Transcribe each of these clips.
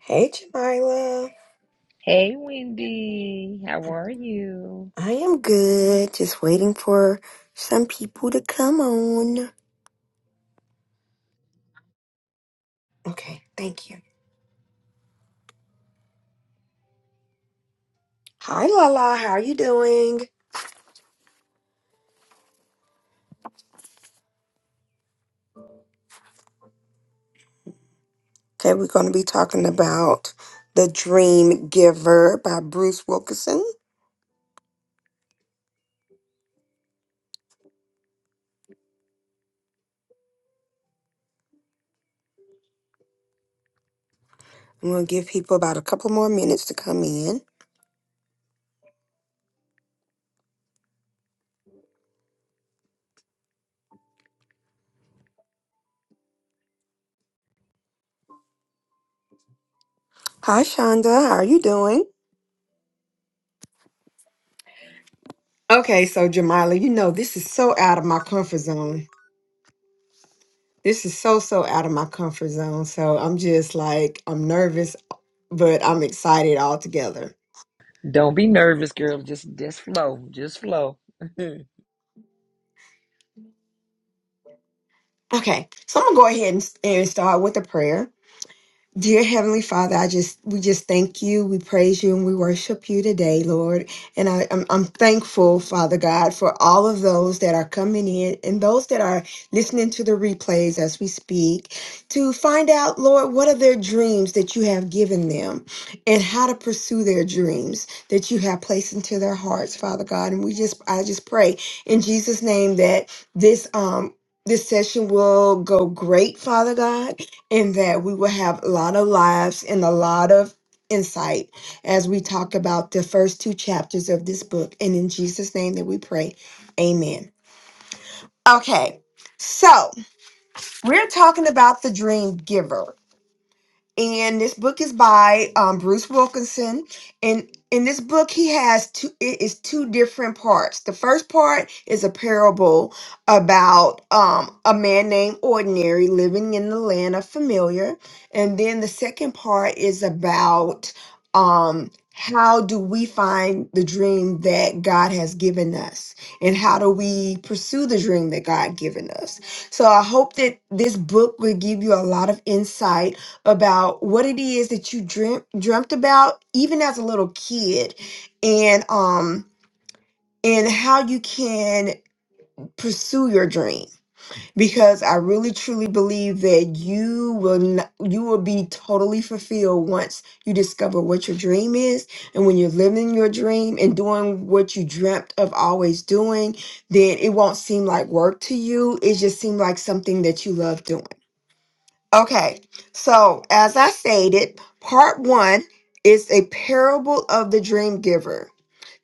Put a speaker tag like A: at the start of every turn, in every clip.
A: Hey, Jamila.
B: Hey, Wendy, how are you?
A: I am good. Just waiting for some people to come on. Okay, thank you. Hi, Lala. How are you doing? Okay, we're going to be talking about The Dream Giver by Bruce Wilkinson. I'm going to give people about a couple more minutes to come in. Hi, Shonda. How are you doing? Okay, so Jamila, you know, this is so out of my comfort zone. This is so, so out of my comfort zone. So I'm just like, I'm nervous, but I'm excited altogether.
B: Don't be nervous, girl. Just just flow, just flow.
A: Okay, so I'm gonna go ahead and, and start with a prayer. Dear Heavenly Father, I just we just thank you, we praise you, and we worship you today, Lord. And I, I'm I'm thankful, Father God, for all of those that are coming in and those that are listening to the replays as we speak to find out, Lord, what are their dreams that you have given them and how to pursue their dreams that you have placed into their hearts, Father God. And we just I just pray in Jesus' name that this um this session will go great, Father God and that we will have a lot of lives and a lot of insight as we talk about the first two chapters of this book. And in Jesus' name that we pray, amen. Okay, so we're talking about the dream giver and this book is by um, Bruce Wilkinson. And in this book, he has two. It is two different parts. The first part is a parable about um, a man named Ordinary living in the land of familiar, and then the second part is about um, how do we find the dream that God has given us, and how do we pursue the dream that God given us. So I hope that this book will give you a lot of insight about what it is that you dream, dreamt about even as a little kid and um and how you can pursue your dream because i really truly believe that you will not, you will be totally fulfilled once you discover what your dream is and when you're living your dream and doing what you dreamt of always doing then it won't seem like work to you it just seems like something that you love doing Okay, so as I stated, part one is a parable of the dream giver.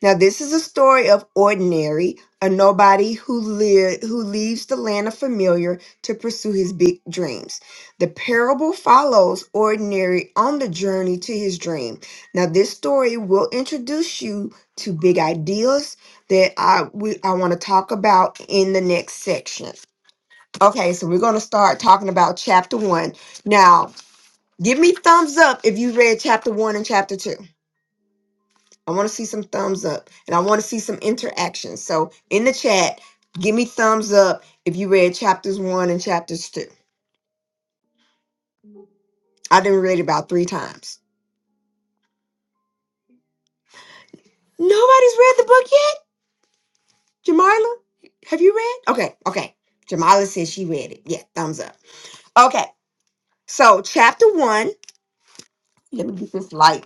A: Now, this is a story of ordinary, a nobody who live who leaves the land of familiar to pursue his big dreams. The parable follows ordinary on the journey to his dream. Now, this story will introduce you to big ideas that I we, I want to talk about in the next section. Okay, so we're going to start talking about chapter one. Now, give me thumbs up if you read chapter one and chapter two. I want to see some thumbs up and I want to see some interaction. So, in the chat, give me thumbs up if you read chapters one and chapters two. I didn't read it about three times. Nobody's read the book yet? Jamila, have you read? Okay, okay. Jamila says she read it. Yeah, thumbs up. Okay, so chapter one, let me get this light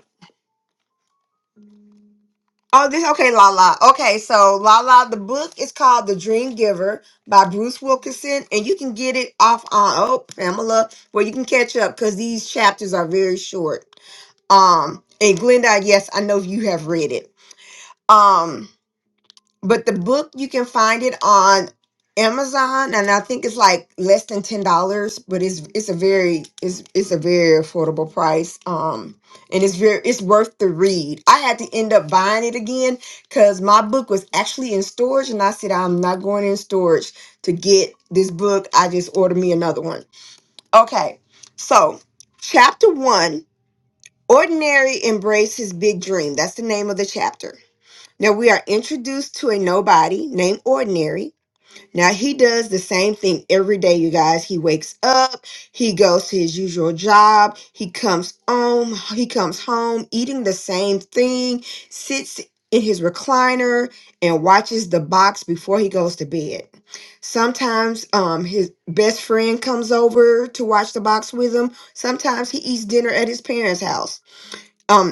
A: Oh, this okay, La La. Okay, so La La, the book is called The Dream Giver by Bruce Wilkinson, and you can get it off on oh Pamela, where you can catch up because these chapters are very short. Um, and Glenda, yes, I know you have read it. Um, but the book you can find it on Amazon, and I think it's like less than ten dollars. But it's it's a very it's it's a very affordable price. Um, and it's very it's worth the read. I had to end up buying it again because my book was actually in storage, and I said I'm not going in storage to get this book. I just ordered me another one. Okay, so chapter one. Ordinary embrace his big dream. That's the name of the chapter. Now we are introduced to a nobody named Ordinary. Now he does the same thing every day, you guys. He wakes up, he goes to his usual job, he comes home, he comes home eating the same thing, sits in his recliner and watches the box before he goes to bed. Sometimes um his best friend comes over to watch the box with him. Sometimes he eats dinner at his parents' house. Um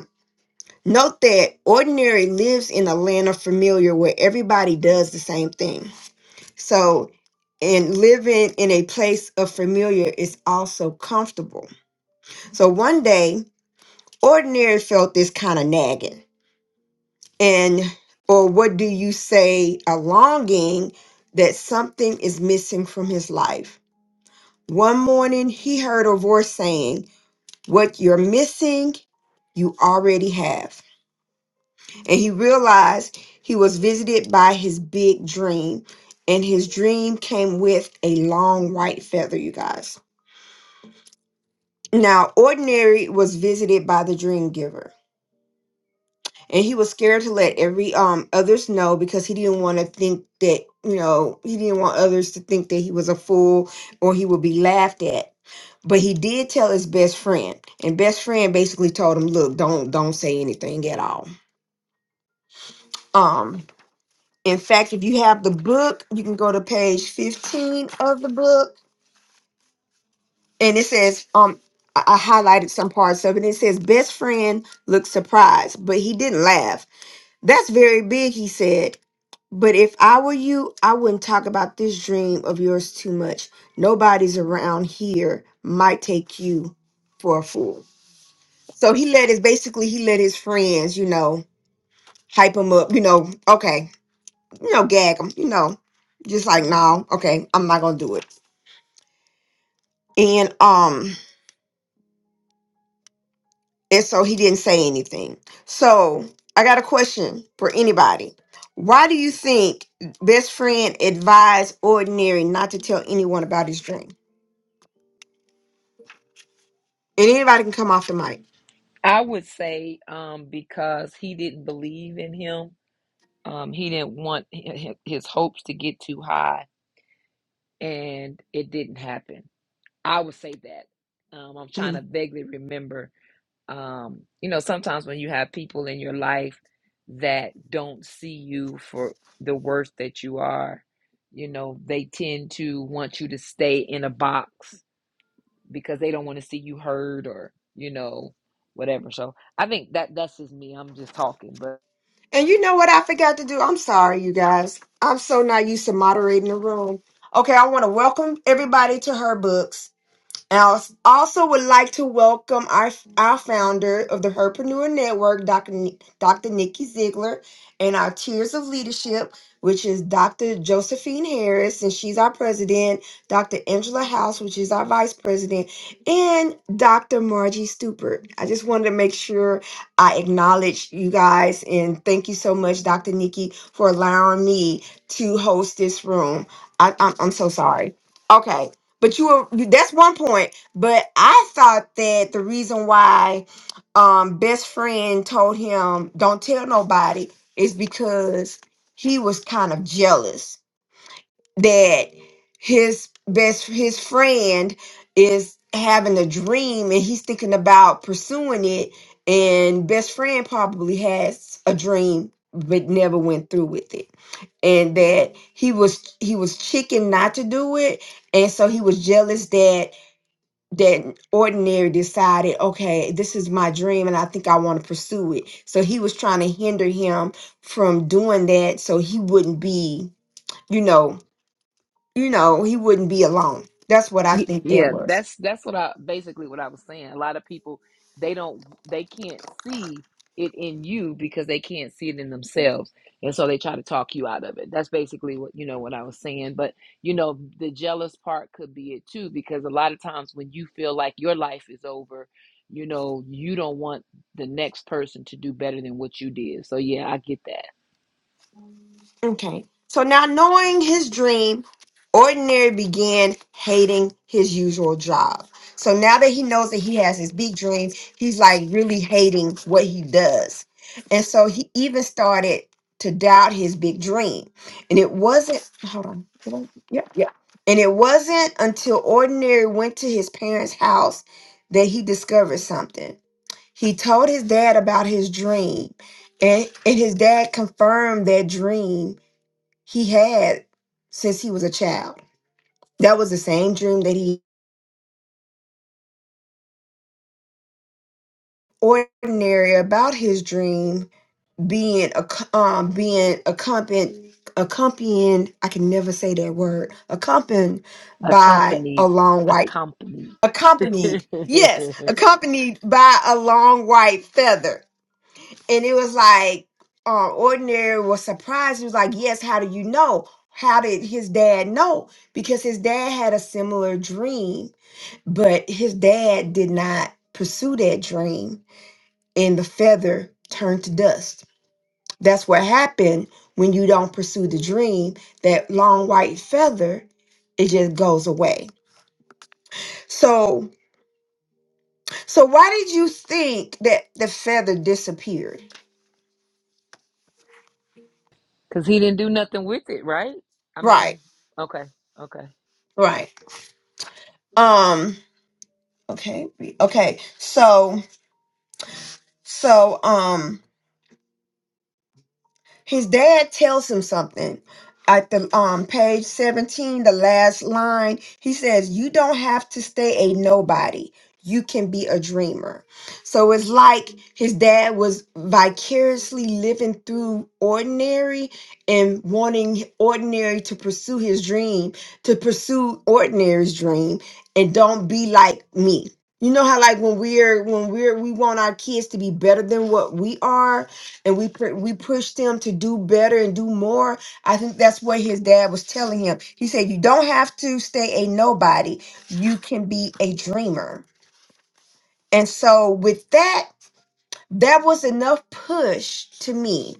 A: Note that ordinary lives in a land of familiar where everybody does the same thing. So, and living in a place of familiar is also comfortable. So, one day, ordinary felt this kind of nagging, and or what do you say, a longing that something is missing from his life. One morning, he heard a voice saying, What you're missing, you already have. and he realized he was visited by his big dream and his dream came with a long white feather you guys now ordinary was visited by the dream giver and he was scared to let every um others know because he didn't want to think that you know he didn't want others to think that he was a fool or he would be laughed at but he did tell his best friend and best friend basically told him look don't don't say anything at all Um. In fact, if you have the book, you can go to page 15 of the book, and it says, um, I I highlighted some parts of it. It says, Best friend looked surprised, but he didn't laugh. That's very big, he said. But if I were you, I wouldn't talk about this dream of yours too much. Nobody's around here might take you for a fool. So he let his basically he let his friends, you know, hype him up, you know, okay, you know, gag him, you know, just like, no, okay, I'm not gonna do it. And um, and so he didn't say anything. So I got a question for anybody. Why do you think best friend advised ordinary not to tell anyone about his dream? And anybody can come off the mic.
B: I would say um, because he didn't believe in him, um, he didn't want hi- hi- his hopes to get too high, and it didn't happen. I would say that. Um, I'm trying
A: Mhm.
B: to vaguely remember um, you know, sometimes when you have people in your life that don't see you for the worst that you are, you know, they tend to want you to stay in a box because they don't want to see you heard or, you know, whatever. So I think that that's just me. I'm just talking, but.
A: And you know what I forgot to do? I'm sorry, you guys. I'm so not used to moderating the room. Okay, I want to welcome everybody to her books. And I als- also would like to welcome our, our founder of the Herpreneur Network, Dr. Ni- Dr. Nikki Ziegler, and our Tiers of Leadership, which is Dr. Josephine Harris, and she's our president, Dr. Angela House, which is our vice president, and Dr. Margie Stupert. I just wanted to make sure I acknowledge you guys, and thank you so much, Dr. Nikki, for allowing me to host this room. I, I'm, I'm so sorry. Okay. But you were that's one point. But I thought that the reason why um best friend told him don't tell nobody is because he was kind of jealous that his best his friend is having a dream and he's thinking about pursuing it and best friend probably has a dream but never went through with it and that he was he was chicken not to do it and so he was jealous that that ordinary decided okay this is my dream and i think i want to pursue it so he was trying to hinder him from doing that so he wouldn't be you know you know he wouldn't be alone that's what i
B: Y-
A: think that
B: Yeah,
A: was
B: that's that's what I basically what I was saying. A lot of people they don't they can't see it in you because they can't see it in themselves, and so they try to talk you out of it. That's basically what you know what I was saying. But you know the jealous part could be it too because a lot of times when you feel like your life is over, you know you don't want the next person to do better than what you did. So yeah, I get that.
A: Okay. So now knowing his dream, Ordinary began hating his usual job. So now that he knows that he has his big dream, he's like really hating what he does. And so he even started to doubt his big dream. And it wasn't, hold on. did I- Yeah, yeah. And it wasn't until Ordinary went to his parents' house that he discovered something. He told his dad about his dream, and, and his dad confirmed that dream he had since he was a child. That was the same dream that he ordinary about his dream being ac- um being accompanied accompanied I can never say that word accompanied by a
B: Accompanied,
A: long white
B: accompanied.
A: accompanied yes accompanied by a long white feather and it was like um ordinary was surprised he was like yes how do you know how did his dad know because his dad had a similar dream But his dad did not pursue that dream, and the feather turned to dust. That's what happened when you don't pursue the dream. That long white feather, it just goes away. So, so why did you think that the feather disappeared?
B: Because he didn't do nothing with it, right? I
A: Right,
B: mean, okay, okay.
A: right. Um. Okay. Okay. So, so um. his dad tells him something at the um page 17 the last line he says you don't have to stay a nobody you can be a dreamer so it's like his dad was vicariously living through ordinary and wanting ordinary to pursue his dream to pursue ordinary's dream and don't be like me you know how like when we're when we're we want our kids to be better than what we are and we pr- we push them to do better and do more. I think that's what his dad was telling him. He said, "You don't have to stay a nobody. You can be a dreamer." And so, with that, that was enough push to me.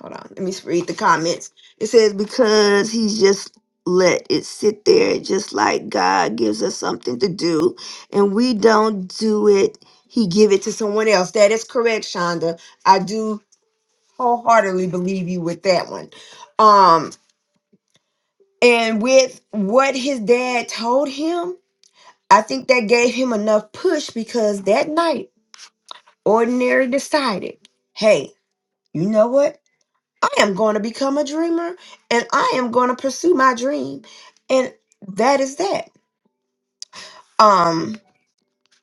A: Hold on, let me read the comments. It says because he's just let it sit there, just like God gives us something to do, and we don't do it. He give it to someone else. That is correct, Shonda. I do wholeheartedly believe you with that one. Um, and with what his dad told him, I think that gave him enough push because that night, Ordinary decided, hey, you know what? I am going to become a dreamer and I am going to pursue my dream. And that is that. um.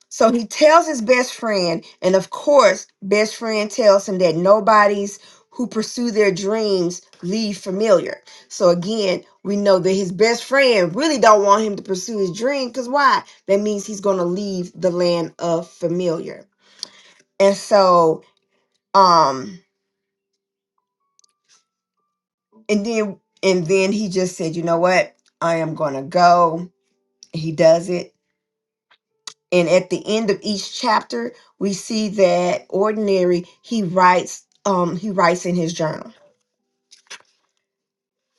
A: So he tells his best friend, and of course, best friend tells him that nobody's who pursue their dreams leave familiar. So again, we know that his best friend really don't want him to pursue his dream because why? That means he's gonna leave the land of familiar. And so, um, and then and then he just said, you know what? I am gonna go. He does it And at the end of each chapter, we see that ordinary he writes um he writes in his journal.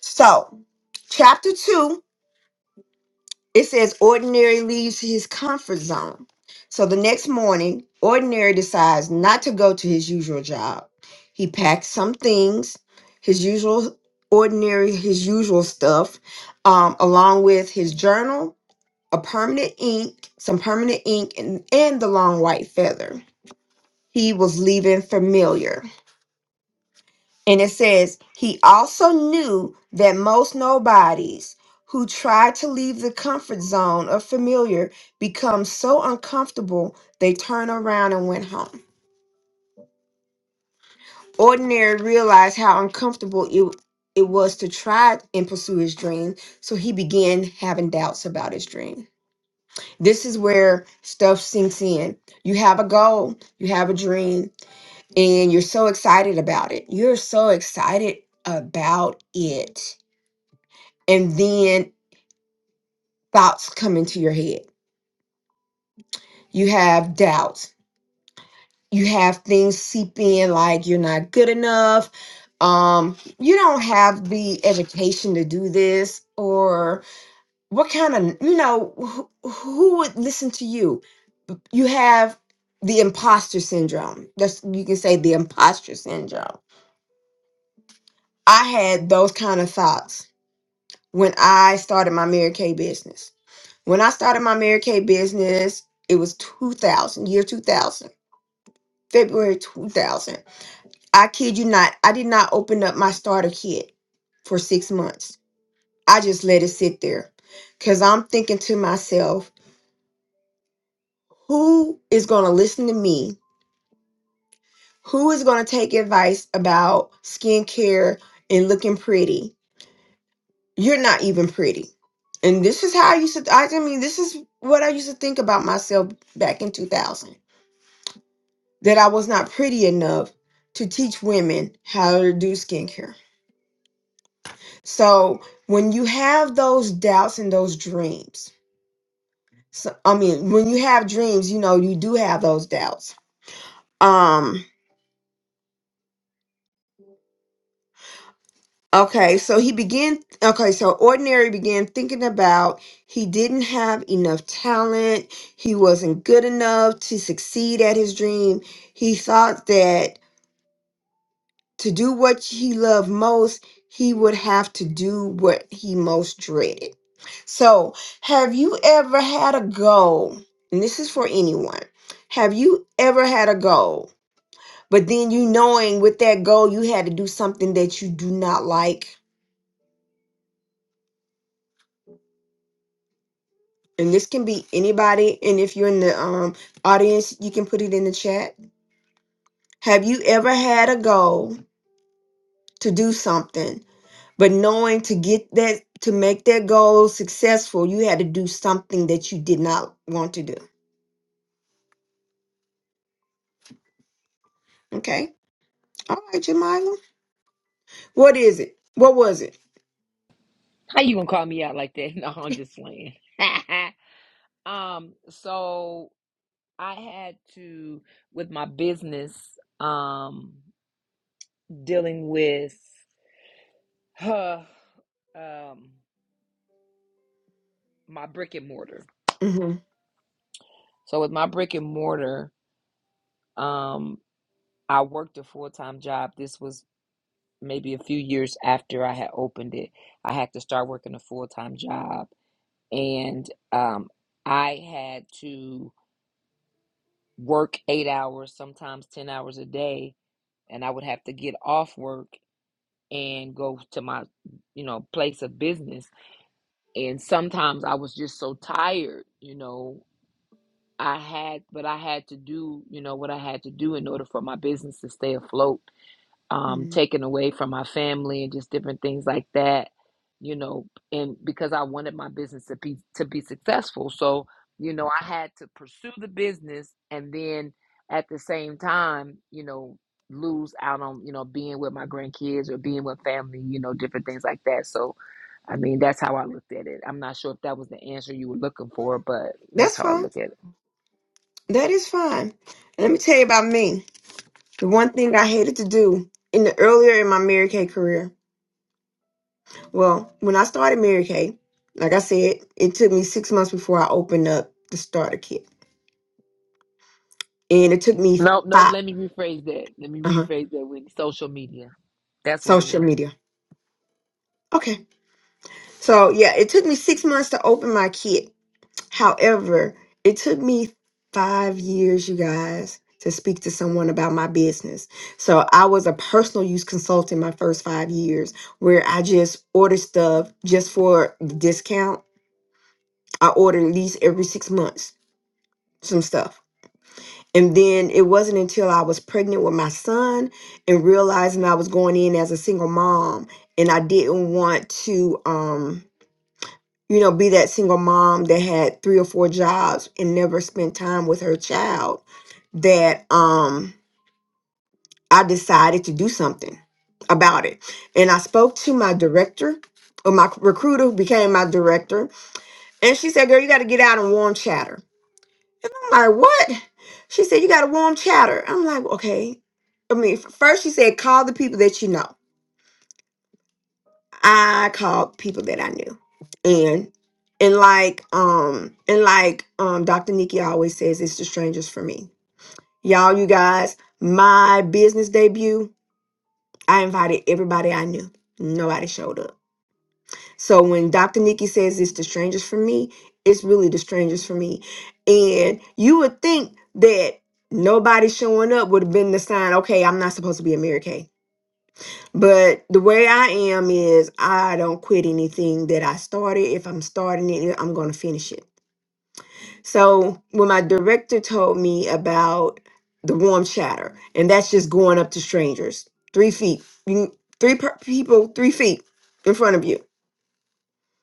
A: So, chapter 2, it says ordinary leaves his comfort zone. So the next morning, ordinary decides not to go to his usual job. He packs some things, his usual ordinary his usual stuff um, along with his journal, a permanent ink, some permanent ink and, and the long white feather. he was leaving familiar. And it says, he also knew that most nobodies who try to leave the comfort zone of familiar become so uncomfortable they turn around and went home. Ordinary realized how uncomfortable it, it was to try and pursue his dream, so he began having doubts about his dream. This is where stuff sinks in. You have a goal, you have a dream, and you're so excited about it. You're so excited about it. And then thoughts come into your head. You have doubts. You have things seep in like you're not good enough. Um, you don't have the education to do this, or what kind of, you know, who, who would listen to you? You have the imposter syndrome. That's, you can say the imposter syndrome. I had those kind of thoughts when I started my Mary Kay business. When I started my Mary Kay business, it was 2000, year 2000, February 2000. I kid you not, I did not open up my starter kit for six months. I just let it sit there because I'm thinking to myself, who is going to listen to me? Who is going to take advice about skincare and looking pretty? you're not even pretty. And this is how I used to, I, I mean, this is what I used to think about myself back in 2000 that I was not pretty enough to teach women how to do skincare. So when you have those doubts and those dreams, so, I mean, when you have dreams, you know, you do have those doubts. Um, Okay, so he began. Okay, so Ordinary began thinking about he didn't have enough talent. He wasn't good enough to succeed at his dream. He thought that to do what he loved most, he would have to do what he most dreaded. So, have you ever had a goal? And this is for anyone. Have you ever had a goal, but then you knowing with that goal you had to do something that you do not like? and this can be anybody and if you're in the um audience you can put it in the chat have you ever had a goal to do something but knowing to get that to make that goal successful you had to do something that you did not want to do okay all right Jamila. what is it what was it
B: How you gonna call me out like that? No, I'm just playing. um, so I had to with my business, um, dealing with huh, um, my brick and mortar.
A: hmm
B: So with my brick and mortar, um, I worked a full time job. This was maybe a few years after I had opened it. I had to start working a full time job and um, I had to work eight hours, sometimes ten hours a day, and I would have to get off work and go to my, you know, place of business. And sometimes I was just so tired, you know. I had, but I had to do, you know, what I had to do in order for my business to stay afloat um, taken away from my family and just different things like that, you know, and because I wanted my business to be to be successful. So, you know, I had to pursue the business and then at the same time, you know, lose out on, you know, being with my grandkids or being with family, you know, different things like that. So, I mean, that's how I looked at it. I'm not sure if that was the answer you were looking for, but that's
A: that's
B: how I
A: fine
B: look at it.
A: that is fine let me tell you about me the one thing i hated to do in the earlier in my mary kay career Well, when I started Mary Kay, like I said, it took me six months before I opened up the starter kit, and it took me
B: Nope, nope.
A: five.
B: Let me rephrase that. Let me
A: Uh huh.
B: rephrase that with social media. That's what it
A: Social
B: was.
A: media. Okay. So yeah, it took me six months to open my kit. However, it took me five years, you guys, to speak to someone about my business. So I was a personal use consultant my first five years, where I just ordered stuff just for the discount. I ordered at least every six months some stuff. And then it wasn't until I was pregnant with my son and realizing I was going in as a single mom and I didn't want to um you know be that single mom that had three or four jobs and never spent time with her child that um I decided to do something about it. And I spoke to my director or my recruiter who became my director and she said, "Girl, you got to get out and warm chatter." I'm like, what? She said, you got a warm chatter. I'm like, okay. I mean, f- first she said, call the people that you know. I called people that I knew. And and like um and like um Dr. Nikki always says, it's the strangers for me. Y'all, you guys, my business debut, I invited everybody I knew. Nobody showed up. So when Dr. Nikki says it's the strangest for me, it's really the strangest for me. And you would think that nobody showing up would have been the sign, okay, I'm not supposed to be a Mary Kay. But the way I am is I don't quit anything that I started. If I'm starting it, I'm going to finish it. So when my director told me about the warm chatter, and that's just going up to strangers, three feet, you- three per- people, three feet in front of you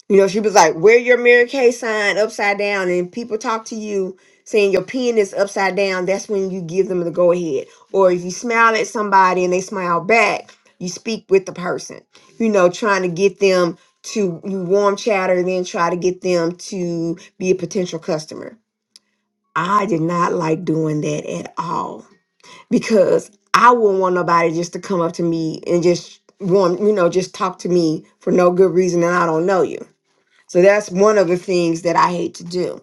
A: you know, she was like, wear your Mary Kay sign upside down, and people talk to you saying your pen is upside down. That's when you give them the go ahead. Or if you smile at somebody and they smile back, you speak with the person, you know, trying to get them to you warm chatter, then try to get them to be a potential customer. I did not like doing that at all because I wouldn't want nobody just to come up to me and just warm, you know, just talk to me for no good reason and I don't know you so that's one of the things that I hate to do.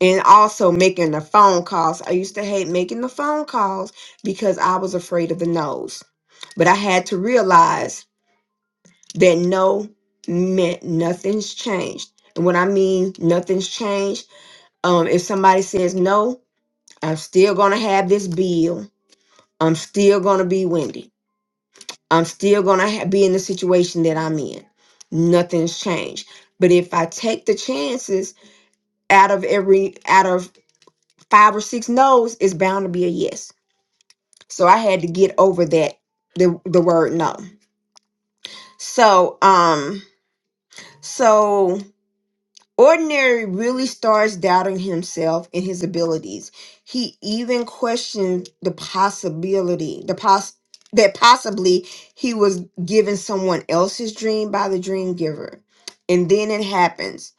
A: And also making the phone calls. I used to hate making the phone calls because I was afraid of the no's. But I had to realize that no meant nothing's changed. And when I mean nothing's changed, um, if somebody says no, I'm still gonna have this bill. I'm still gonna be Wendy. I'm still gonna ha- be in the situation that I'm in. Nothing's changed. But if I take the chances out of every out of five or six no's is bound to be a yes so i had to get over that the the word no so um so ordinary really starts doubting himself and his abilities he even questioned the possibility the pos that possibly he was given someone else's dream by the dream giver and then it happens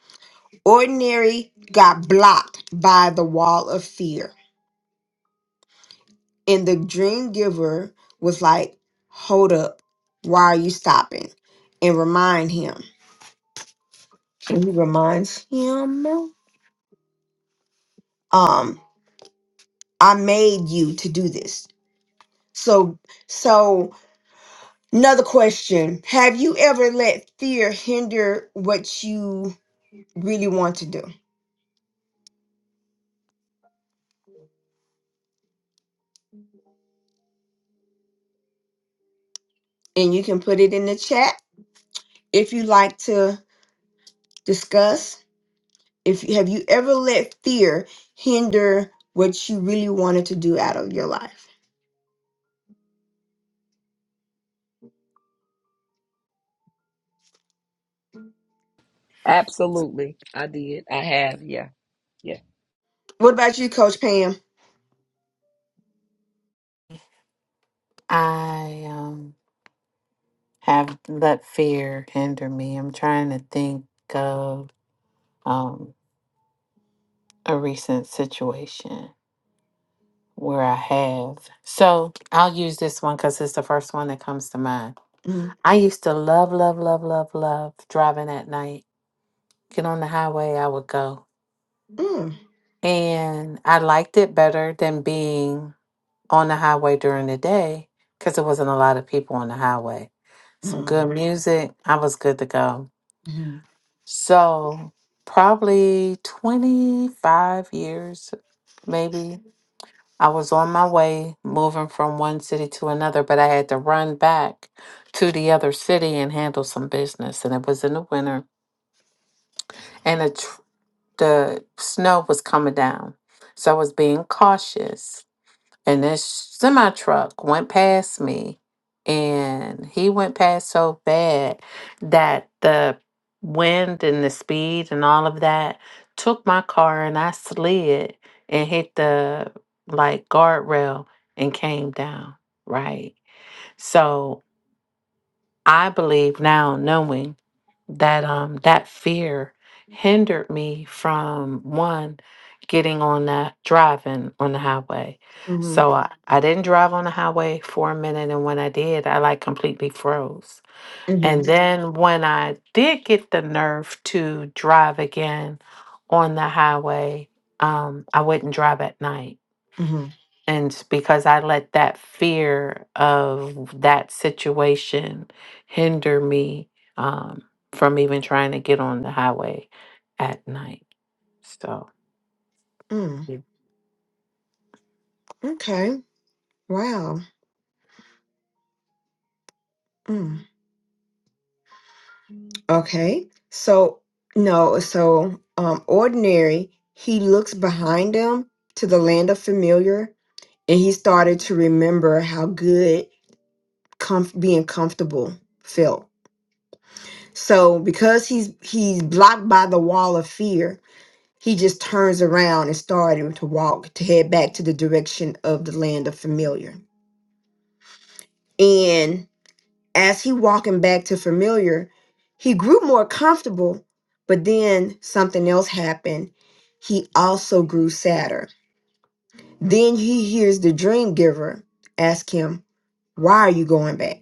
A: ordinary got blocked by the wall of fear And the dream giver was like, Hold up, why are you stopping? And remind him. And he reminds him, um, I made you to do this. So so another question. Have you ever let fear hinder what you really want to do? And you can put it in the chat if you like to discuss. If you have you ever let fear hinder what you really wanted to do out of your life?
B: Absolutely. I did. I have. Yeah. Yeah.
A: What about you, Coach Pam?
C: I um, have let fear hinder me. I'm trying to think of um, a recent situation where I have. So I'll use this one because it's the first one that comes to mind.
A: Mm,
C: I used to love, love, love, love, love driving at night. Get on the highway, I would go.
A: mm,
C: And I liked it better than being on the highway during the day because there wasn't a lot of people on the highway. Some
A: mm,
C: good music, I was good to go.
A: mhm,
C: So, probably 25 years, maybe. I was on my way moving from one city to another, but I had to run back to the other city and handle some business. And it was in the winter, and the, tr- the snow was coming down. So, I was being cautious and that semi truck went past me and he went past so bad that the wind and the speed and all of that took my car and I slid and hit the like guardrail and came down right So. I believe now knowing that um that fear hindered me from one getting on that driving on the highway.
A: mhm,
C: So I, I didn't drive on the highway for a minute and when I did I like completely froze. And
A: mhm,
C: then when I did get the nerve to drive again on the highway, um I wouldn't drive at night.
A: mhm,
C: And because I let that fear of that situation hinder me um, from even trying to get on the highway at night. So,
A: mm.
C: yeah.
A: Okay. Wow. Mm. Okay. So no. So um, ordinary. He looks behind him to the land of familiar, and he started to remember how good comf- being comfortable felt. So because he's he's blocked by the wall of fear, He just turns around and started to walk to head back to the direction of the land of familiar. And as he walking back to familiar, he grew more comfortable, but then something else happened. He also grew sadder. Then he hears the dream giver ask him, "Why are you going back?"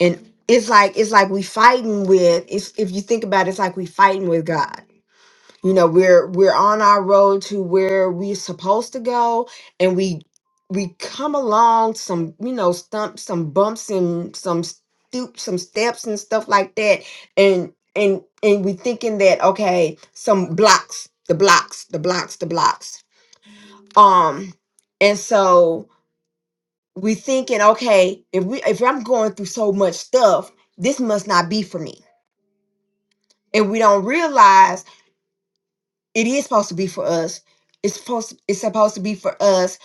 A: And it's like it's like we fighting with. It's if you think about it, it's like we fighting with God you know we're we're on our road to where we're supposed to go and we we come along some you know stumps some bumps and some stoop some steps and stuff like that and and and we thinking that okay some blocks the blocks the blocks the blocks um and so we thinking okay if we if i'm going through so much stuff this must not be for me and we don't realize it is supposed to be for us. It's supposed it's supposed to be for us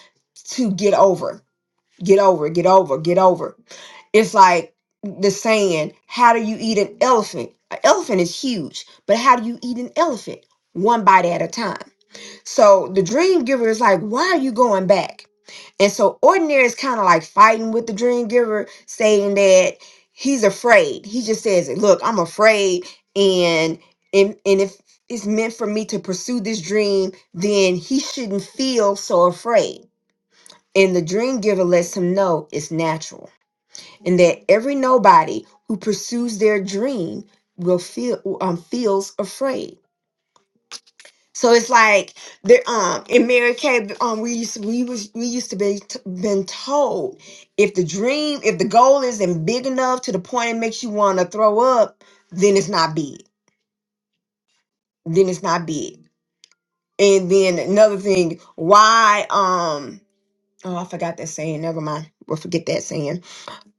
A: to get over, get over, get over, get over. It's like the saying, how do you eat an elephant? An elephant is huge, but how do you eat an elephant? One bite at a time. So the dream giver is like, why are you going back? And so ordinary is kind of like fighting with the dream giver, saying that he's afraid. He just says, look, I'm afraid. And and, and if it's meant for me to pursue this dream, then he shouldn't feel so afraid. And the dream giver lets him know it's natural and that every nobody who pursues their dream will feel um, feels afraid so it's like there. um in Mary Kay, um we used to, we was we used to be t- been told if the dream if the goal isn't big enough to the point it makes you want to throw up, then it's not big. Then it's not big. And then another thing, why um oh I forgot that saying. Never mind. We'll forget that saying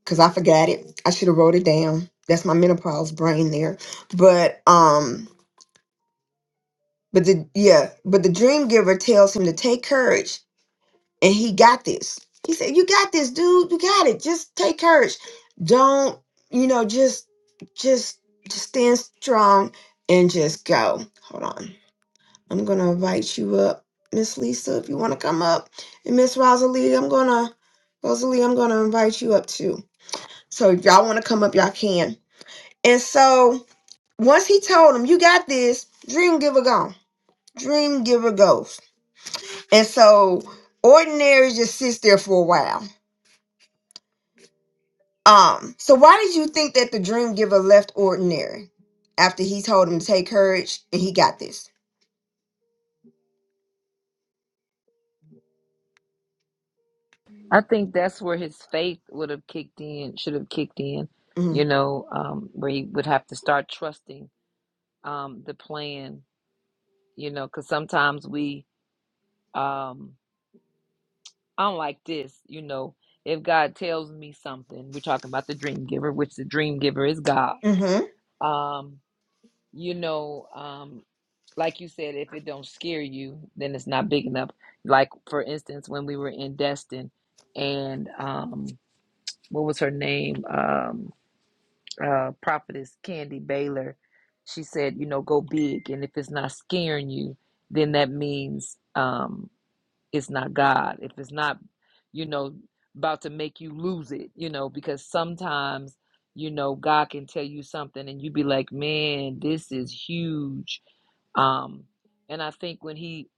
A: because I forgot it. I should have wrote it down. That's my menopause brain there. But um but the yeah but the dream giver tells him to take courage and he got this. He said, "You got this, dude. You got it. Just take courage. Don't, you know, just just just stand strong and just go. Hold on. I'm going to invite you up, Miss Lisa, if you want to come up. And Miss Rosalie, I'm going to Rosalie, I'm going to invite you up too. So if y'all want to come up, y'all can. And so once he told him, "You got this. Dream giver gone. Dream giver goes." And so ordinary just sits there for a while Um, so why did you think that the dream giver left ordinary after he told him to take courage and he got this?
B: I think that's where his faith would have kicked in, should have kicked in,
A: hmm
B: you know, um, where he would have to start trusting um, the plan, you know, because sometimes we, um, I'm like this, you know, if God tells me something, we're talking about the dream giver, which the dream giver is God.
A: hmm
B: Um, you know, um, like you said, if it don't scare you, then it's not big enough. Like for instance, when we were in Destin, and um, what was her name? Um, uh, prophetess Candy Baylor. She said, you know, go big, and if it's not scaring you, then that means um, it's not God, if it's not, you know, about to make you lose it, you know, because sometimes, you know, God can tell you something and you be like, man, this is huge. Um, and I think when he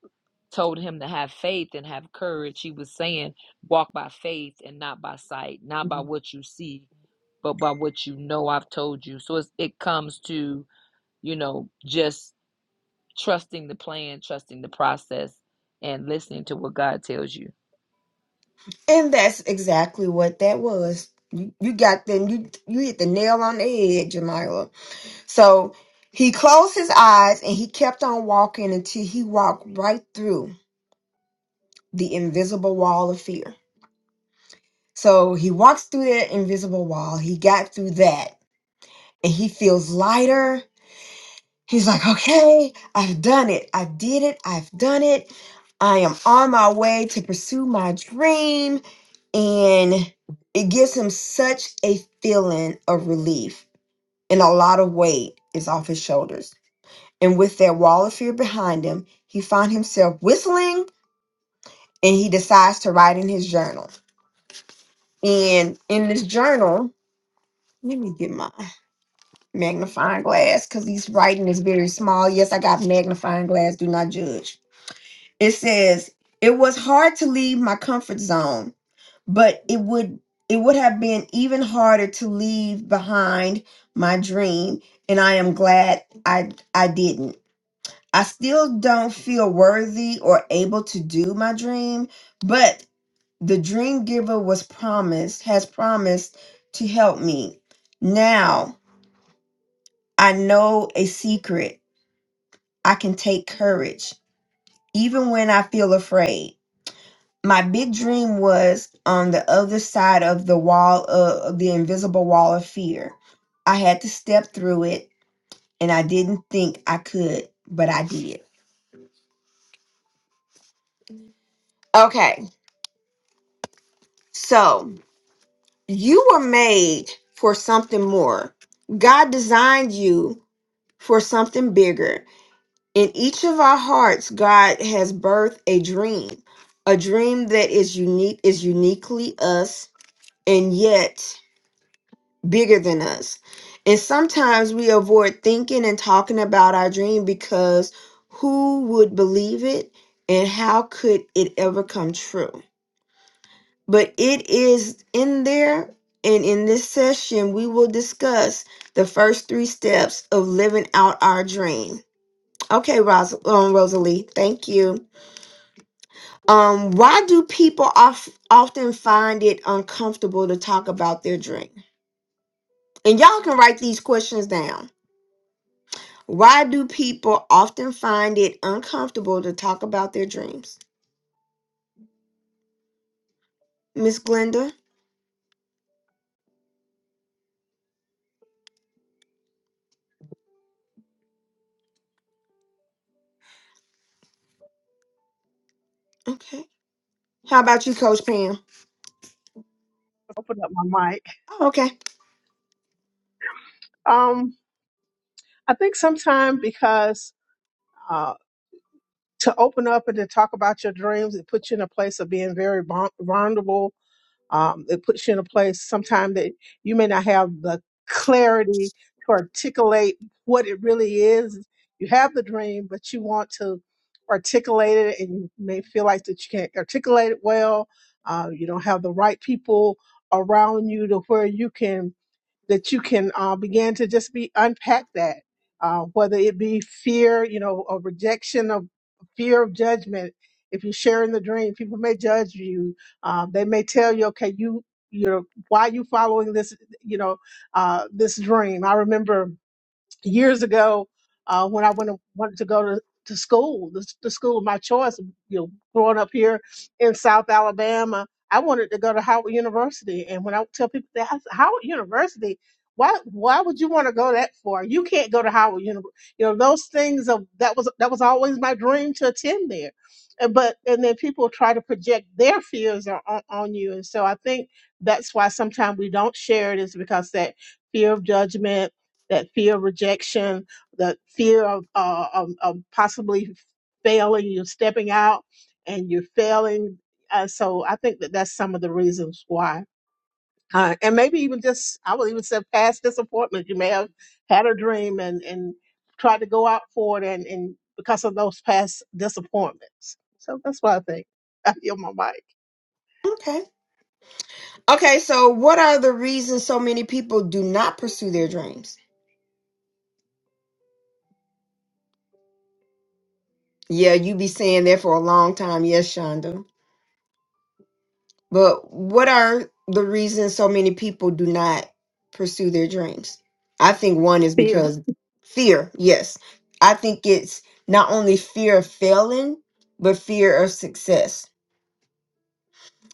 B: told him to have faith and have courage, he was saying, walk by faith and not by sight, not by what you see, but by what you know I've told you. So it's, it comes to, you know, just trusting the plan, trusting the process, and listening to what God tells you.
A: And that's exactly what that was. You, you got them. You you hit the nail on the head, Jamila. So he closed his eyes and he kept on walking until he walked right through the invisible wall of fear. So he walks through that invisible wall. He got through that, and he feels lighter He's like, okay, I've done it. I did it. I've done it. I am on my way to pursue my dream. And it gives him such a feeling of relief. And a lot of weight is off his shoulders. And with that wall of fear behind him, he finds himself whistling and he decides to write in his journal. And in this journal, let me get my magnifying glass because he's writing is very small. Yes, I got magnifying glass. Do not judge. It says, "It was hard to leave my comfort zone, but it would it would have been even harder to leave behind my dream, and I am glad I I didn't. I still don't feel worthy or able to do my dream, but the dream giver was promised has promised to help me. Now I know a secret. I can take courage even when I feel afraid. my big dream was on the other side of the wall of the invisible wall of fear. I had to step through it and I didn't think I could, but I did. Okay. So, you were made for something more. God designed you for something bigger. In each of our hearts, God has birthed a dream, a dream that is unique is uniquely us and yet bigger than us. And sometimes we avoid thinking and talking about our dream because who would believe it and how could it ever come true? But it is in there. And in this session, we will discuss the first three steps of living out our dream. Okay, Ros- um, Rosalie, thank you. Um, why do people of- often find it uncomfortable to talk about their dream? And y'all can write these questions down. Why do people often find it uncomfortable to talk about their dreams? Miss Glenda. Okay. How about you, Coach Pam?
D: open up my mic.
A: Oh, okay.
D: Um, I think sometimes because uh, to open up and to talk about your dreams, it puts you in a place of being very vul- vulnerable. Um, it puts you in a place sometimes that you may not have the clarity to articulate what it really is. You have the dream, but you want to articulate it, and you may feel like that you can't articulate it well. Uh, you don't have the right people around you to where you can that you can uh, begin to just be unpack that, uh, whether it be fear, you know, or rejection of fear of judgment. If you share in the dream, people may judge you. Um, they may tell you, okay, you, you know, why are you following this, you know, uh, this dream? I remember years ago uh, when I went wanted to go to, to school, the, the school of my choice, you know, growing up here in South Alabama, I wanted to go to Howard University. And when I tell people that I said, Howard University, why why would you want to go that far? You can't go to Howard University. You know, those things of that was that was always my dream to attend there. And but and then people try to project their fears on, on on you. And so I think that's why sometimes we don't share it is because that fear of judgment that fear of rejection, that fear of, uh, of, of possibly failing, you're stepping out and you're failing. Uh, so I think that that's some of the reasons why. Uh, and maybe even just, I would even say past disappointment. You may have had a dream and, and tried to go out for it and, and because of those past disappointments. So that's what I think. I feel my mic.
A: Okay. Okay, so what are the reasons so many people do not pursue their dreams? Yeah, you be saying that for a long time. Yes, Shonda. But what are the reasons so many people do not pursue their dreams? I think one is
D: Fear.
A: because fear. Yes. I think it's not only fear of failing, but fear of success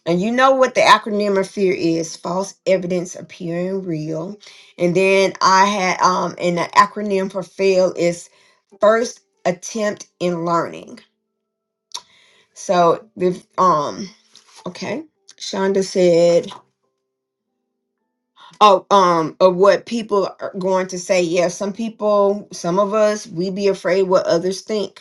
A: And you know what the acronym of fear is false evidence appearing real. And then I had um and the acronym for fail is first attempt in learning. So the um okay. Shonda said, "Oh, um, of what people are going to say. Yeah, some people, some of us, we be afraid what others think.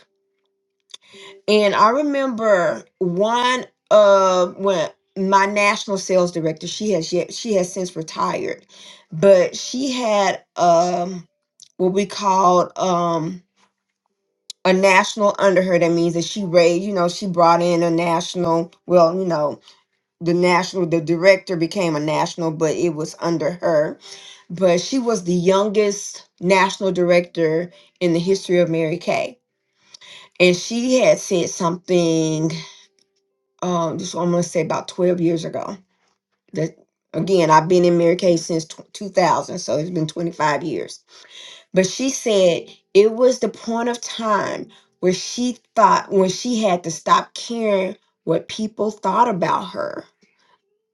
A: And I remember one of when my national sales director, she has yet she has since retired, but she had um what we called um a national under her. That means that she raised, you know, she brought in a national, well, you know, the national the director became a national, but it was under her. But she was the youngest national director in the history of Mary Kay. And she had said something um, this I'm gonna say about 12 years ago. That again, I've been in Mary Kay since tw 2000, so it's been 25 years. But she said it was the point of time where she thought when she had to stop caring what people thought about her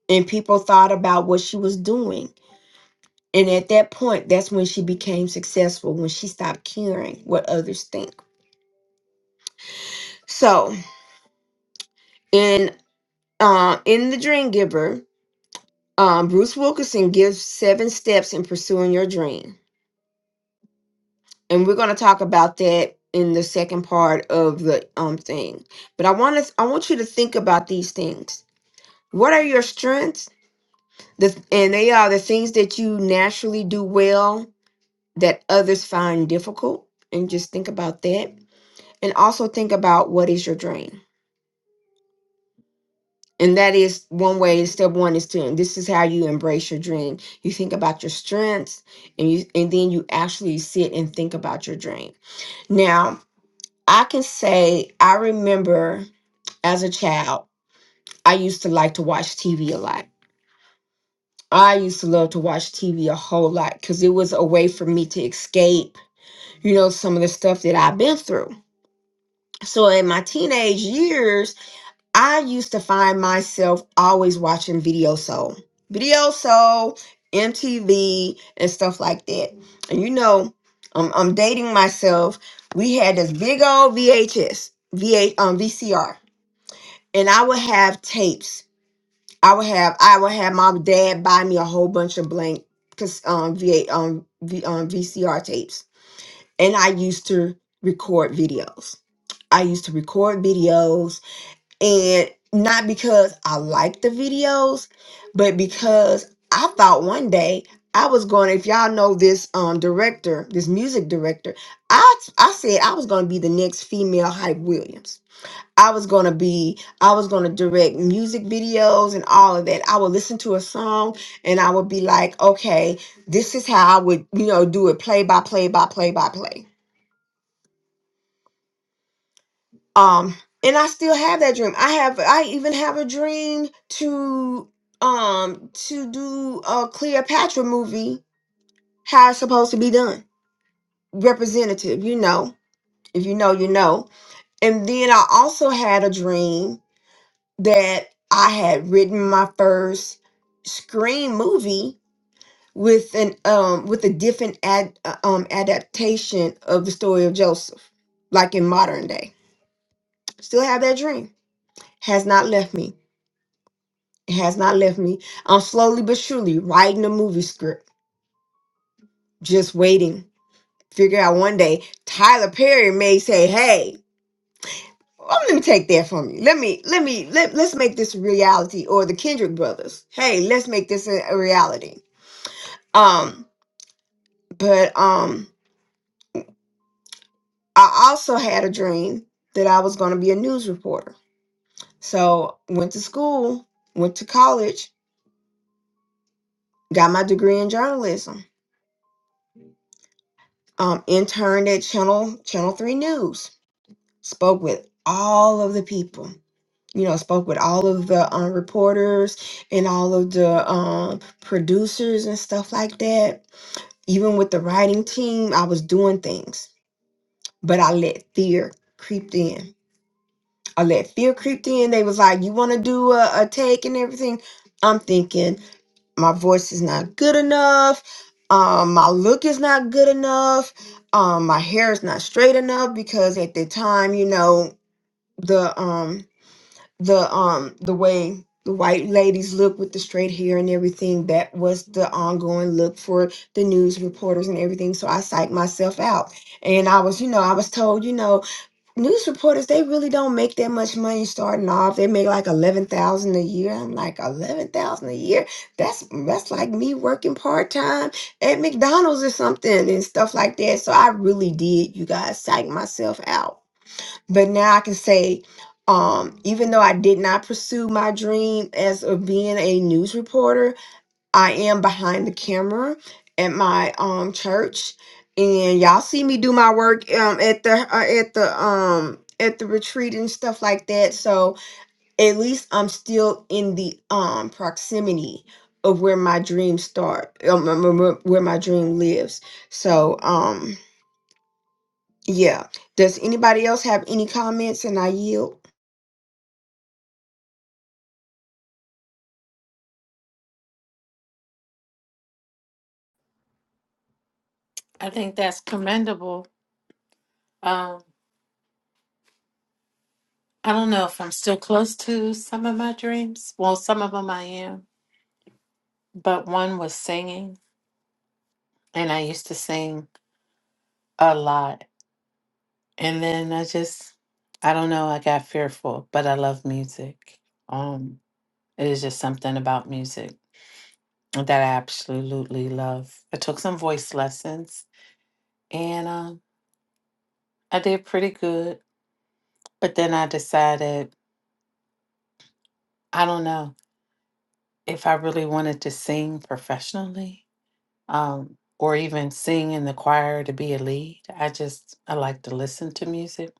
A: and people thought about what she was doing. And at that point, that's when she became successful when she stopped caring what others think. So in uh, in the Dream Giver, Um, Bruce Wilkinson gives seven steps in pursuing your dream. And we're going to talk about that in the second part of the um thing. But I want to I want you to think about these things. What are your strengths? The, and they are the things that you naturally do well that others find difficult. And just think about that. And also think about what is your dream. And that is one way, step one is to, and this is how you embrace your dream. You think about your strengths and you and then you actually sit and think about your dream. Now, I can say I remember as a child, I used to like to watch TV a lot. I used to love to watch TV a whole lot because it was a way for me to escape, you know, some of the stuff that I've been through. So in my teenage years, I used to find myself always watching Video Soul, Video Soul, MTV, and stuff like that. And you know, I'm, I'm dating myself. We had this big old VHS, VH, um, VCR, and I would have tapes. I would have, I would have my dad buy me a whole bunch of blank, cause um, V8, um, v, um, VCR tapes, and I used to record videos. I used to record videos and not because I like the videos, but because I thought one day I was going. If y'all know this um director, this music director, I I said I was going to be the next female Hype Williams. I was going to be I was going to direct music videos and all of that. I would listen to a song and I would be like, "Okay, this is how I would, you know, do it play by play by play by play." um and i still have that dream i have i even have a dream to um to do a cleopatra movie how it's supposed to be done representative you know if you know you know and then i also had a dream that i had written my first screen movie with an um with a different ad uh, um adaptation of the story of joseph like in modern day still have that dream has not left me It has not left me. I'm slowly but surely writing a movie script, just waiting. Figure out one day Tyler Perry may say, "Hey, oh, let me take that from you. Let me, let me, let, let's make this a reality." Or the Kendrick brothers, "Hey, let's make this a, a reality." Um, but um, I also had a dream that I was going to be a news reporter. So went to school, went to college, got my degree in journalism. Um, interned at Channel Channel Three News spoke with all of the people you know spoke with all of the um, reporters and all of the um, producers and stuff like that even with the writing team i was doing things but i let fear creep in i let fear creep in they was like you want to do a, a take and everything i'm thinking my voice is not good enough um, my look is not good enough um, my hair is not straight enough because at the time you know the um the um the way the white ladies look with the straight hair and everything that was the ongoing look for the news reporters and everything so i psyched myself out and i was you know i was told you know news reporters they really don't make that much money starting off they make like 11000 a year i'm like 11000 a year that's that's like me working part-time at mcdonald's or something and stuff like that so i really did you guys psych myself out but now I can say, um, even though I did not pursue my dream as of being a news reporter, I am behind the camera at my um church, and y'all see me do my work um at the uh, at the um at the retreat and stuff like that. So at least I'm still in the um proximity of where my dreams start, um, um, um, um, where my dream lives. So um yeah. Does anybody else have any comments? And I yield.
C: I think that's commendable. Um, I don't know if I'm still close to some of my dreams. Well, some of them I am, but one was singing, and I used to sing a lot. And then I just, I don't know, I got fearful, but I love music. Um, It is just something about music that I absolutely love. I took some voice lessons and um, I did pretty good, but then I decided I don't know if I really wanted to sing professionally um, or even sing in the choir to be a lead. I just, I like to listen to music.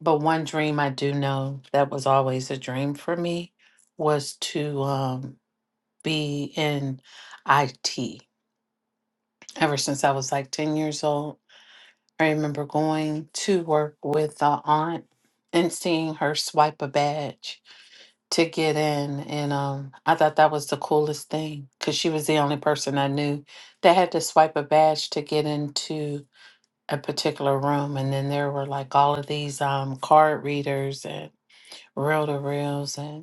C: But one dream I do know that was always a dream for me was to um, be in IT ever since I was like 10 years old. I remember going to work with a aunt and seeing her swipe a badge to get in. And um, I thought that was the coolest thing because she was the only person I knew that had to swipe a badge to get into a particular room. And then there were like all of these um, card readers and reel to reels. and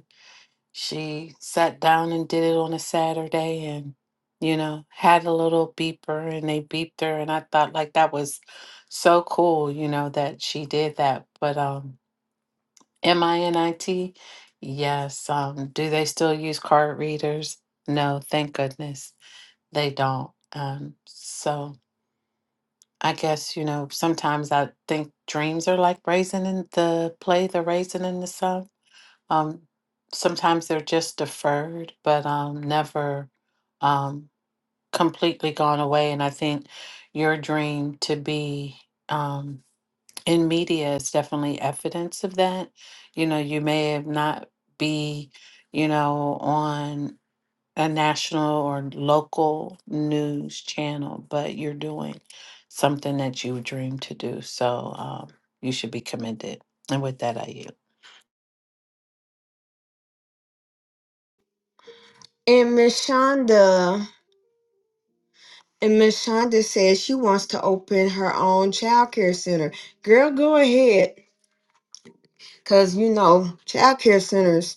C: she sat down and did it on a Saturday and, you know, had a little beeper and they beeped her. And I thought like that was so cool, you know, that she did that. But um M I N I T, yes. Um, do they still use card readers? No, thank goodness they don't. Um, so I guess, you know, sometimes I think dreams are like raisin in the play, the raisin in the sun um, sometimes they're just deferred, but um, never um, completely gone away. And I think your dream to be um, in media is definitely evidence of that. You know, you may have not be, you know, on a national or local news channel, but you're doing something that you dreamed to do. So um, you should be commended. And with that, I yield.
A: And Miss Shonda, and Miss Shonda says she wants to open her own child care center. Girl, go ahead, cause you know child care centers.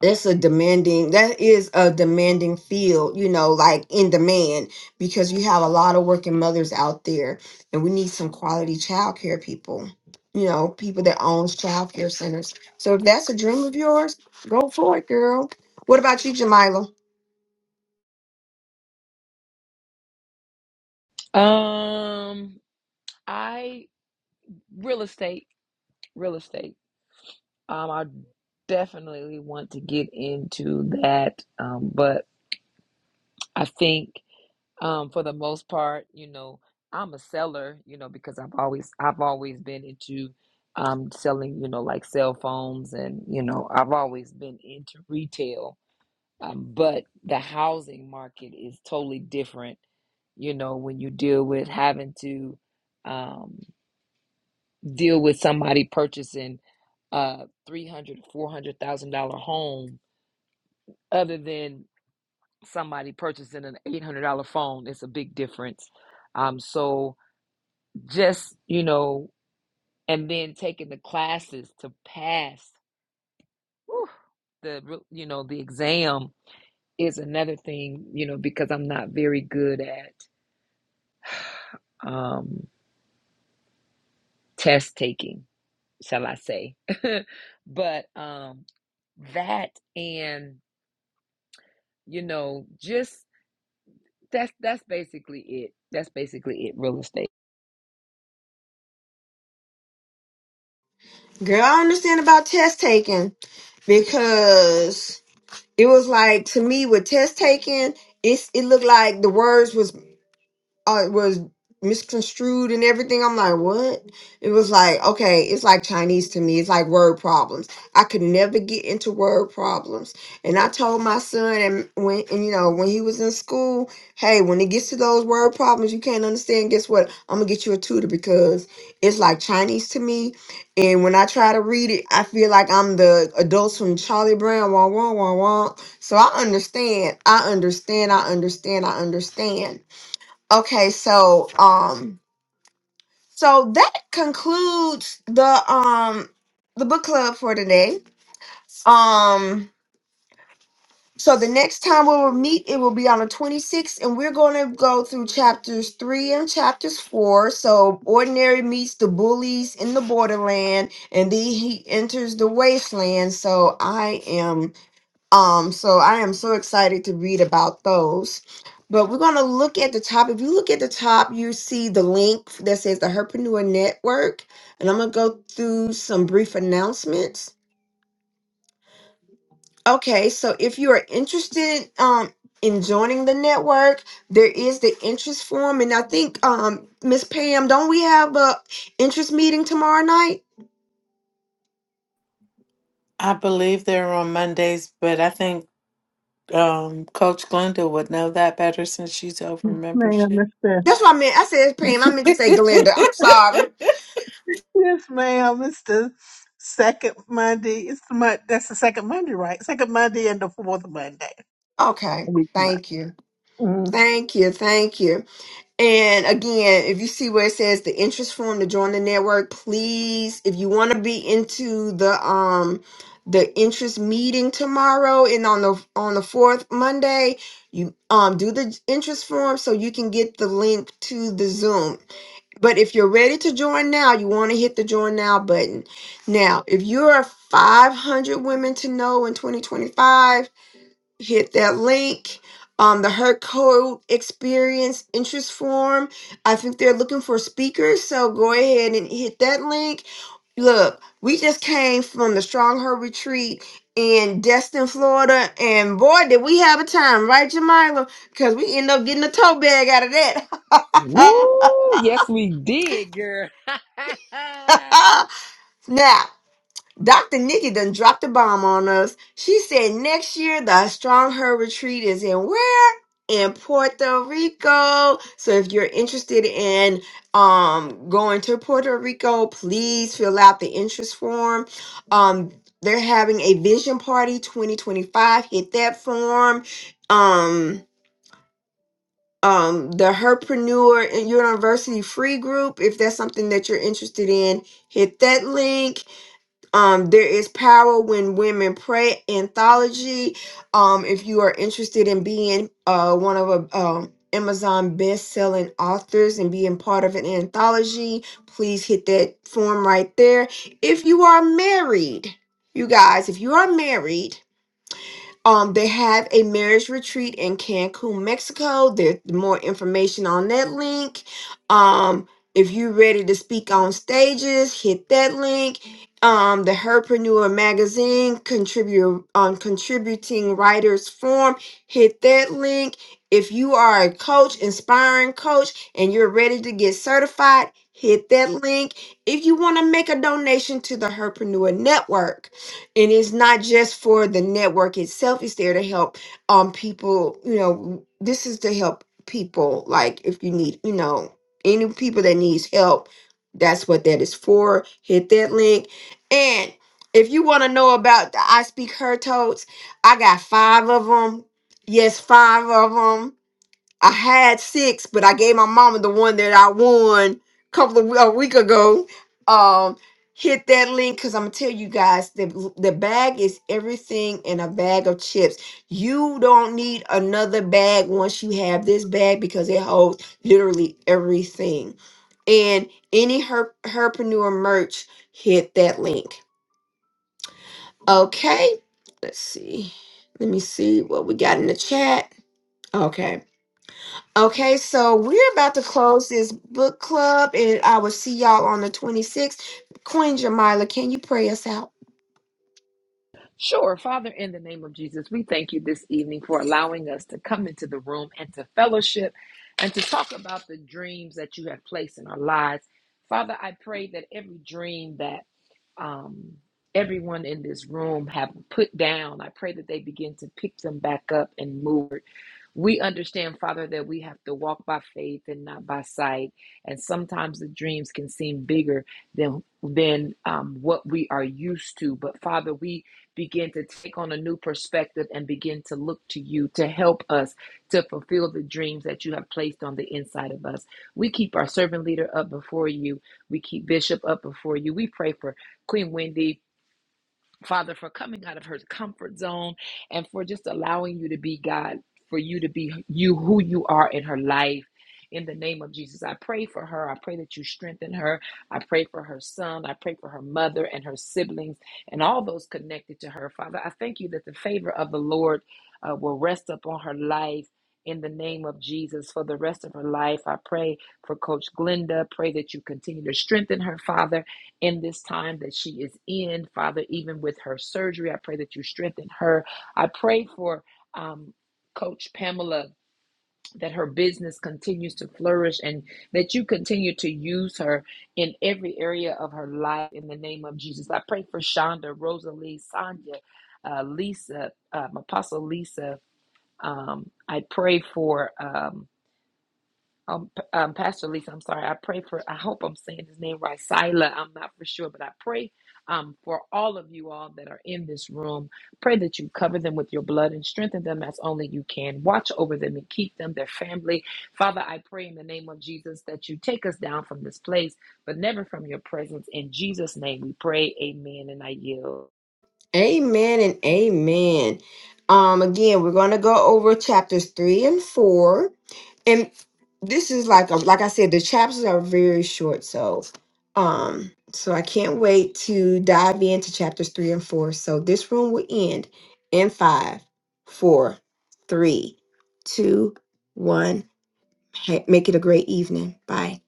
A: That's a demanding. That is a demanding field. You know, like in demand because you have a lot of working mothers out there, and we need some quality child care people. You know, people that owns child care centers. So if that's a dream of yours, go for it, girl. What about you, Jamila?
B: Um, I real estate, real estate. Um, I definitely want to get into that. Um, but I think um for the most part, you know, I'm a seller, you know, because I've always I've always been into um selling, you know, like cell phones and, you know, I've always been into retail. Um, but the housing market is totally different, you know, when you deal with having to um deal with somebody purchasing a three hundred, four hundred thousand dollar home other than somebody purchasing an eight hundred dollar phone. It's a big difference. Um, so just you know, and then taking the classes to pass whew, the re- you know the exam is another thing. You know because I'm not very good at um, test taking, shall I say? but um, that and you know, just that's that's basically it. That's basically it. Real estate.
A: Girl, I understand about test taking because it was like to me with test taking, it's it looked like the words was uh, it was misconstrued and everything. I'm like, what? It was like, okay, it's like Chinese to me. It's like word problems. I could never get into word problems. And I told my son, and when and you know when he was in school, hey, when it gets to those word problems, you can't understand. Guess what? I'm gonna get you a tutor because it's like Chinese to me. And when I try to read it, I feel like I'm the adults from Charlie Brown. Wah wah wah wah. So I understand. I understand. I understand. I understand Okay, so um so that concludes the um the book club for today. Um so the next time we will meet it will be on the 26th and we're going to go through chapters 3 and chapters 4. So ordinary meets the bullies in the borderland and then he enters the wasteland. So I am Um, so I am so excited to read about those. But we're going to look at the top. If you look at the top, you see the link that says the Herpreneur Network. And I'm going to go through some brief announcements. Okay, so if you are interested um, in joining the network, there is the interest form. And I think, um, Miss Pam, don't we have a interest meeting tomorrow night?
C: I believe they're on Mondays, but I think um, Coach Glenda would know that better since she's over
D: Man, I
C: membership.
A: That's what I meant. I said Pam. I meant to say Glenda. I'm sorry.
D: Yes, ma'am. It's the second Monday. It's the mon- that's the second Monday, right? Second Monday and the fourth Monday
A: Okay,
D: of each month.
A: thank you. Thank you. Thank you. And again, if you see where it says the interest form to join the network, please, if you want to be into the um the interest meeting tomorrow and on the on the fourth Monday, you um do the interest form so you can get the link to the Zoom. But if you're ready to join now, you want to hit the join now button. Now, if you're 500 women to know in 2025 hit that link. Um, the Hurt Code Experience interest form. I think they're looking for speakers, so go ahead and hit that link. Look, we just came from the Strong Her Retreat in Destin, Florida, and boy, did we have a time, right, Jamila? Because we end up getting a tote bag out of
B: Woo! Yes, we did, girl.
A: that. now, Dr. Nikki done dropped a bomb on us. She said next year the Strong Her Retreat is in where? In Puerto Rico. So if you're interested in um going to Puerto Rico, please fill out the interest form. Um they're having a vision party 2025. Hit that form. Um um the Herpreneur and University Free Group, if that's something that you're interested in, hit that link um, there is power when women pray anthology. Um, if you are interested in being uh, one of a um, Amazon best-selling authors and being part of an anthology, please hit that form right there. If you are married, you guys, if you are married um, they have a marriage retreat in Cancun, Mexico. There's more information on that link. Um, if you're ready to speak on stages, hit that link. Um, the Herpreneur magazine contribute on contributing writers forum, hit that link. If you are a coach, inspiring coach, and you're ready to get certified, hit that link. If you want to make a donation to the Herpreneur Network, and it's not just for the network itself it's there to help um people you know this is to help people like if you need you know any people that needs help that's what that is for hit that link and if you want to know about the i speak her totes i got five of them yes five of them I had six, but I gave my mama the one that I won a couple of a week ago. Um, hit that link because I'm gonna tell you guys the the bag is everything in a bag of chips. You don't need another bag once you have this bag because it holds literally everything. And any her herpreneur merch, hit that link. Okay, let's see. Let me see what we got in the chat. Okay. Okay, so we're about to close this book club, and I will see y'all on the 26th. Queen Jamila, can you pray us out?
B: sure, Father, in the name of Jesus, we thank you this evening for allowing us to come into the room and to fellowship and to talk about the dreams that you have placed in our lives. Father, I pray that every dream that um, everyone in this room have put down. I pray that they begin to pick them back up and move. We understand, Father, that we have to walk by faith and not by sight, and sometimes the dreams can seem bigger than than um, what we are used to. But Father, we begin to take on a new perspective and begin to look to you to help us to fulfill the dreams that you have placed on the inside of us. We keep our servant leader up before you. We keep Bishop up before you. We pray for Queen Wendy, Father, for coming out of her comfort zone and for just allowing you to be God, for you to be you who you are in her life. In the name of Jesus, I pray for her. I pray that you strengthen her. I pray for her son. I pray for her mother and her siblings and all those connected to her. Father, I thank you that the favor of the Lord uh, will rest upon her life. In the name of Jesus, for the rest of her life, I pray for Coach Glenda. Pray that you continue to strengthen her, Father in this time that she is in, Father, even with her surgery. I pray that you strengthen her. I pray for um, Coach Pamela that her business continues to flourish and that you continue to use her in every area of her life in the name of Jesus. I pray for Shonda, Rosalie, Sonia, uh, Lisa, um, Apostle Lisa. Um, I pray for. Um, um, P- um, Pastor Lisa, I'm sorry. I pray for, I hope I'm saying his name right. Sila, I'm not for sure, but I pray um, for all of you all that are in this room. Pray that you cover them with your blood and strengthen them as only you can. Watch over them and keep them, their family. Father, I pray in the name of Jesus that you take us down from this place, but never from your presence. In Jesus' name we pray. Amen. And I yield.
A: Amen and amen. Um, again, we're gonna go over chapters three and four, and this is like a, like I said, the chapters are very short, so um, so I can't wait to dive into chapters three and four. So this room will end in five, four, three, two, one. Ha- Make it a great evening. Bye.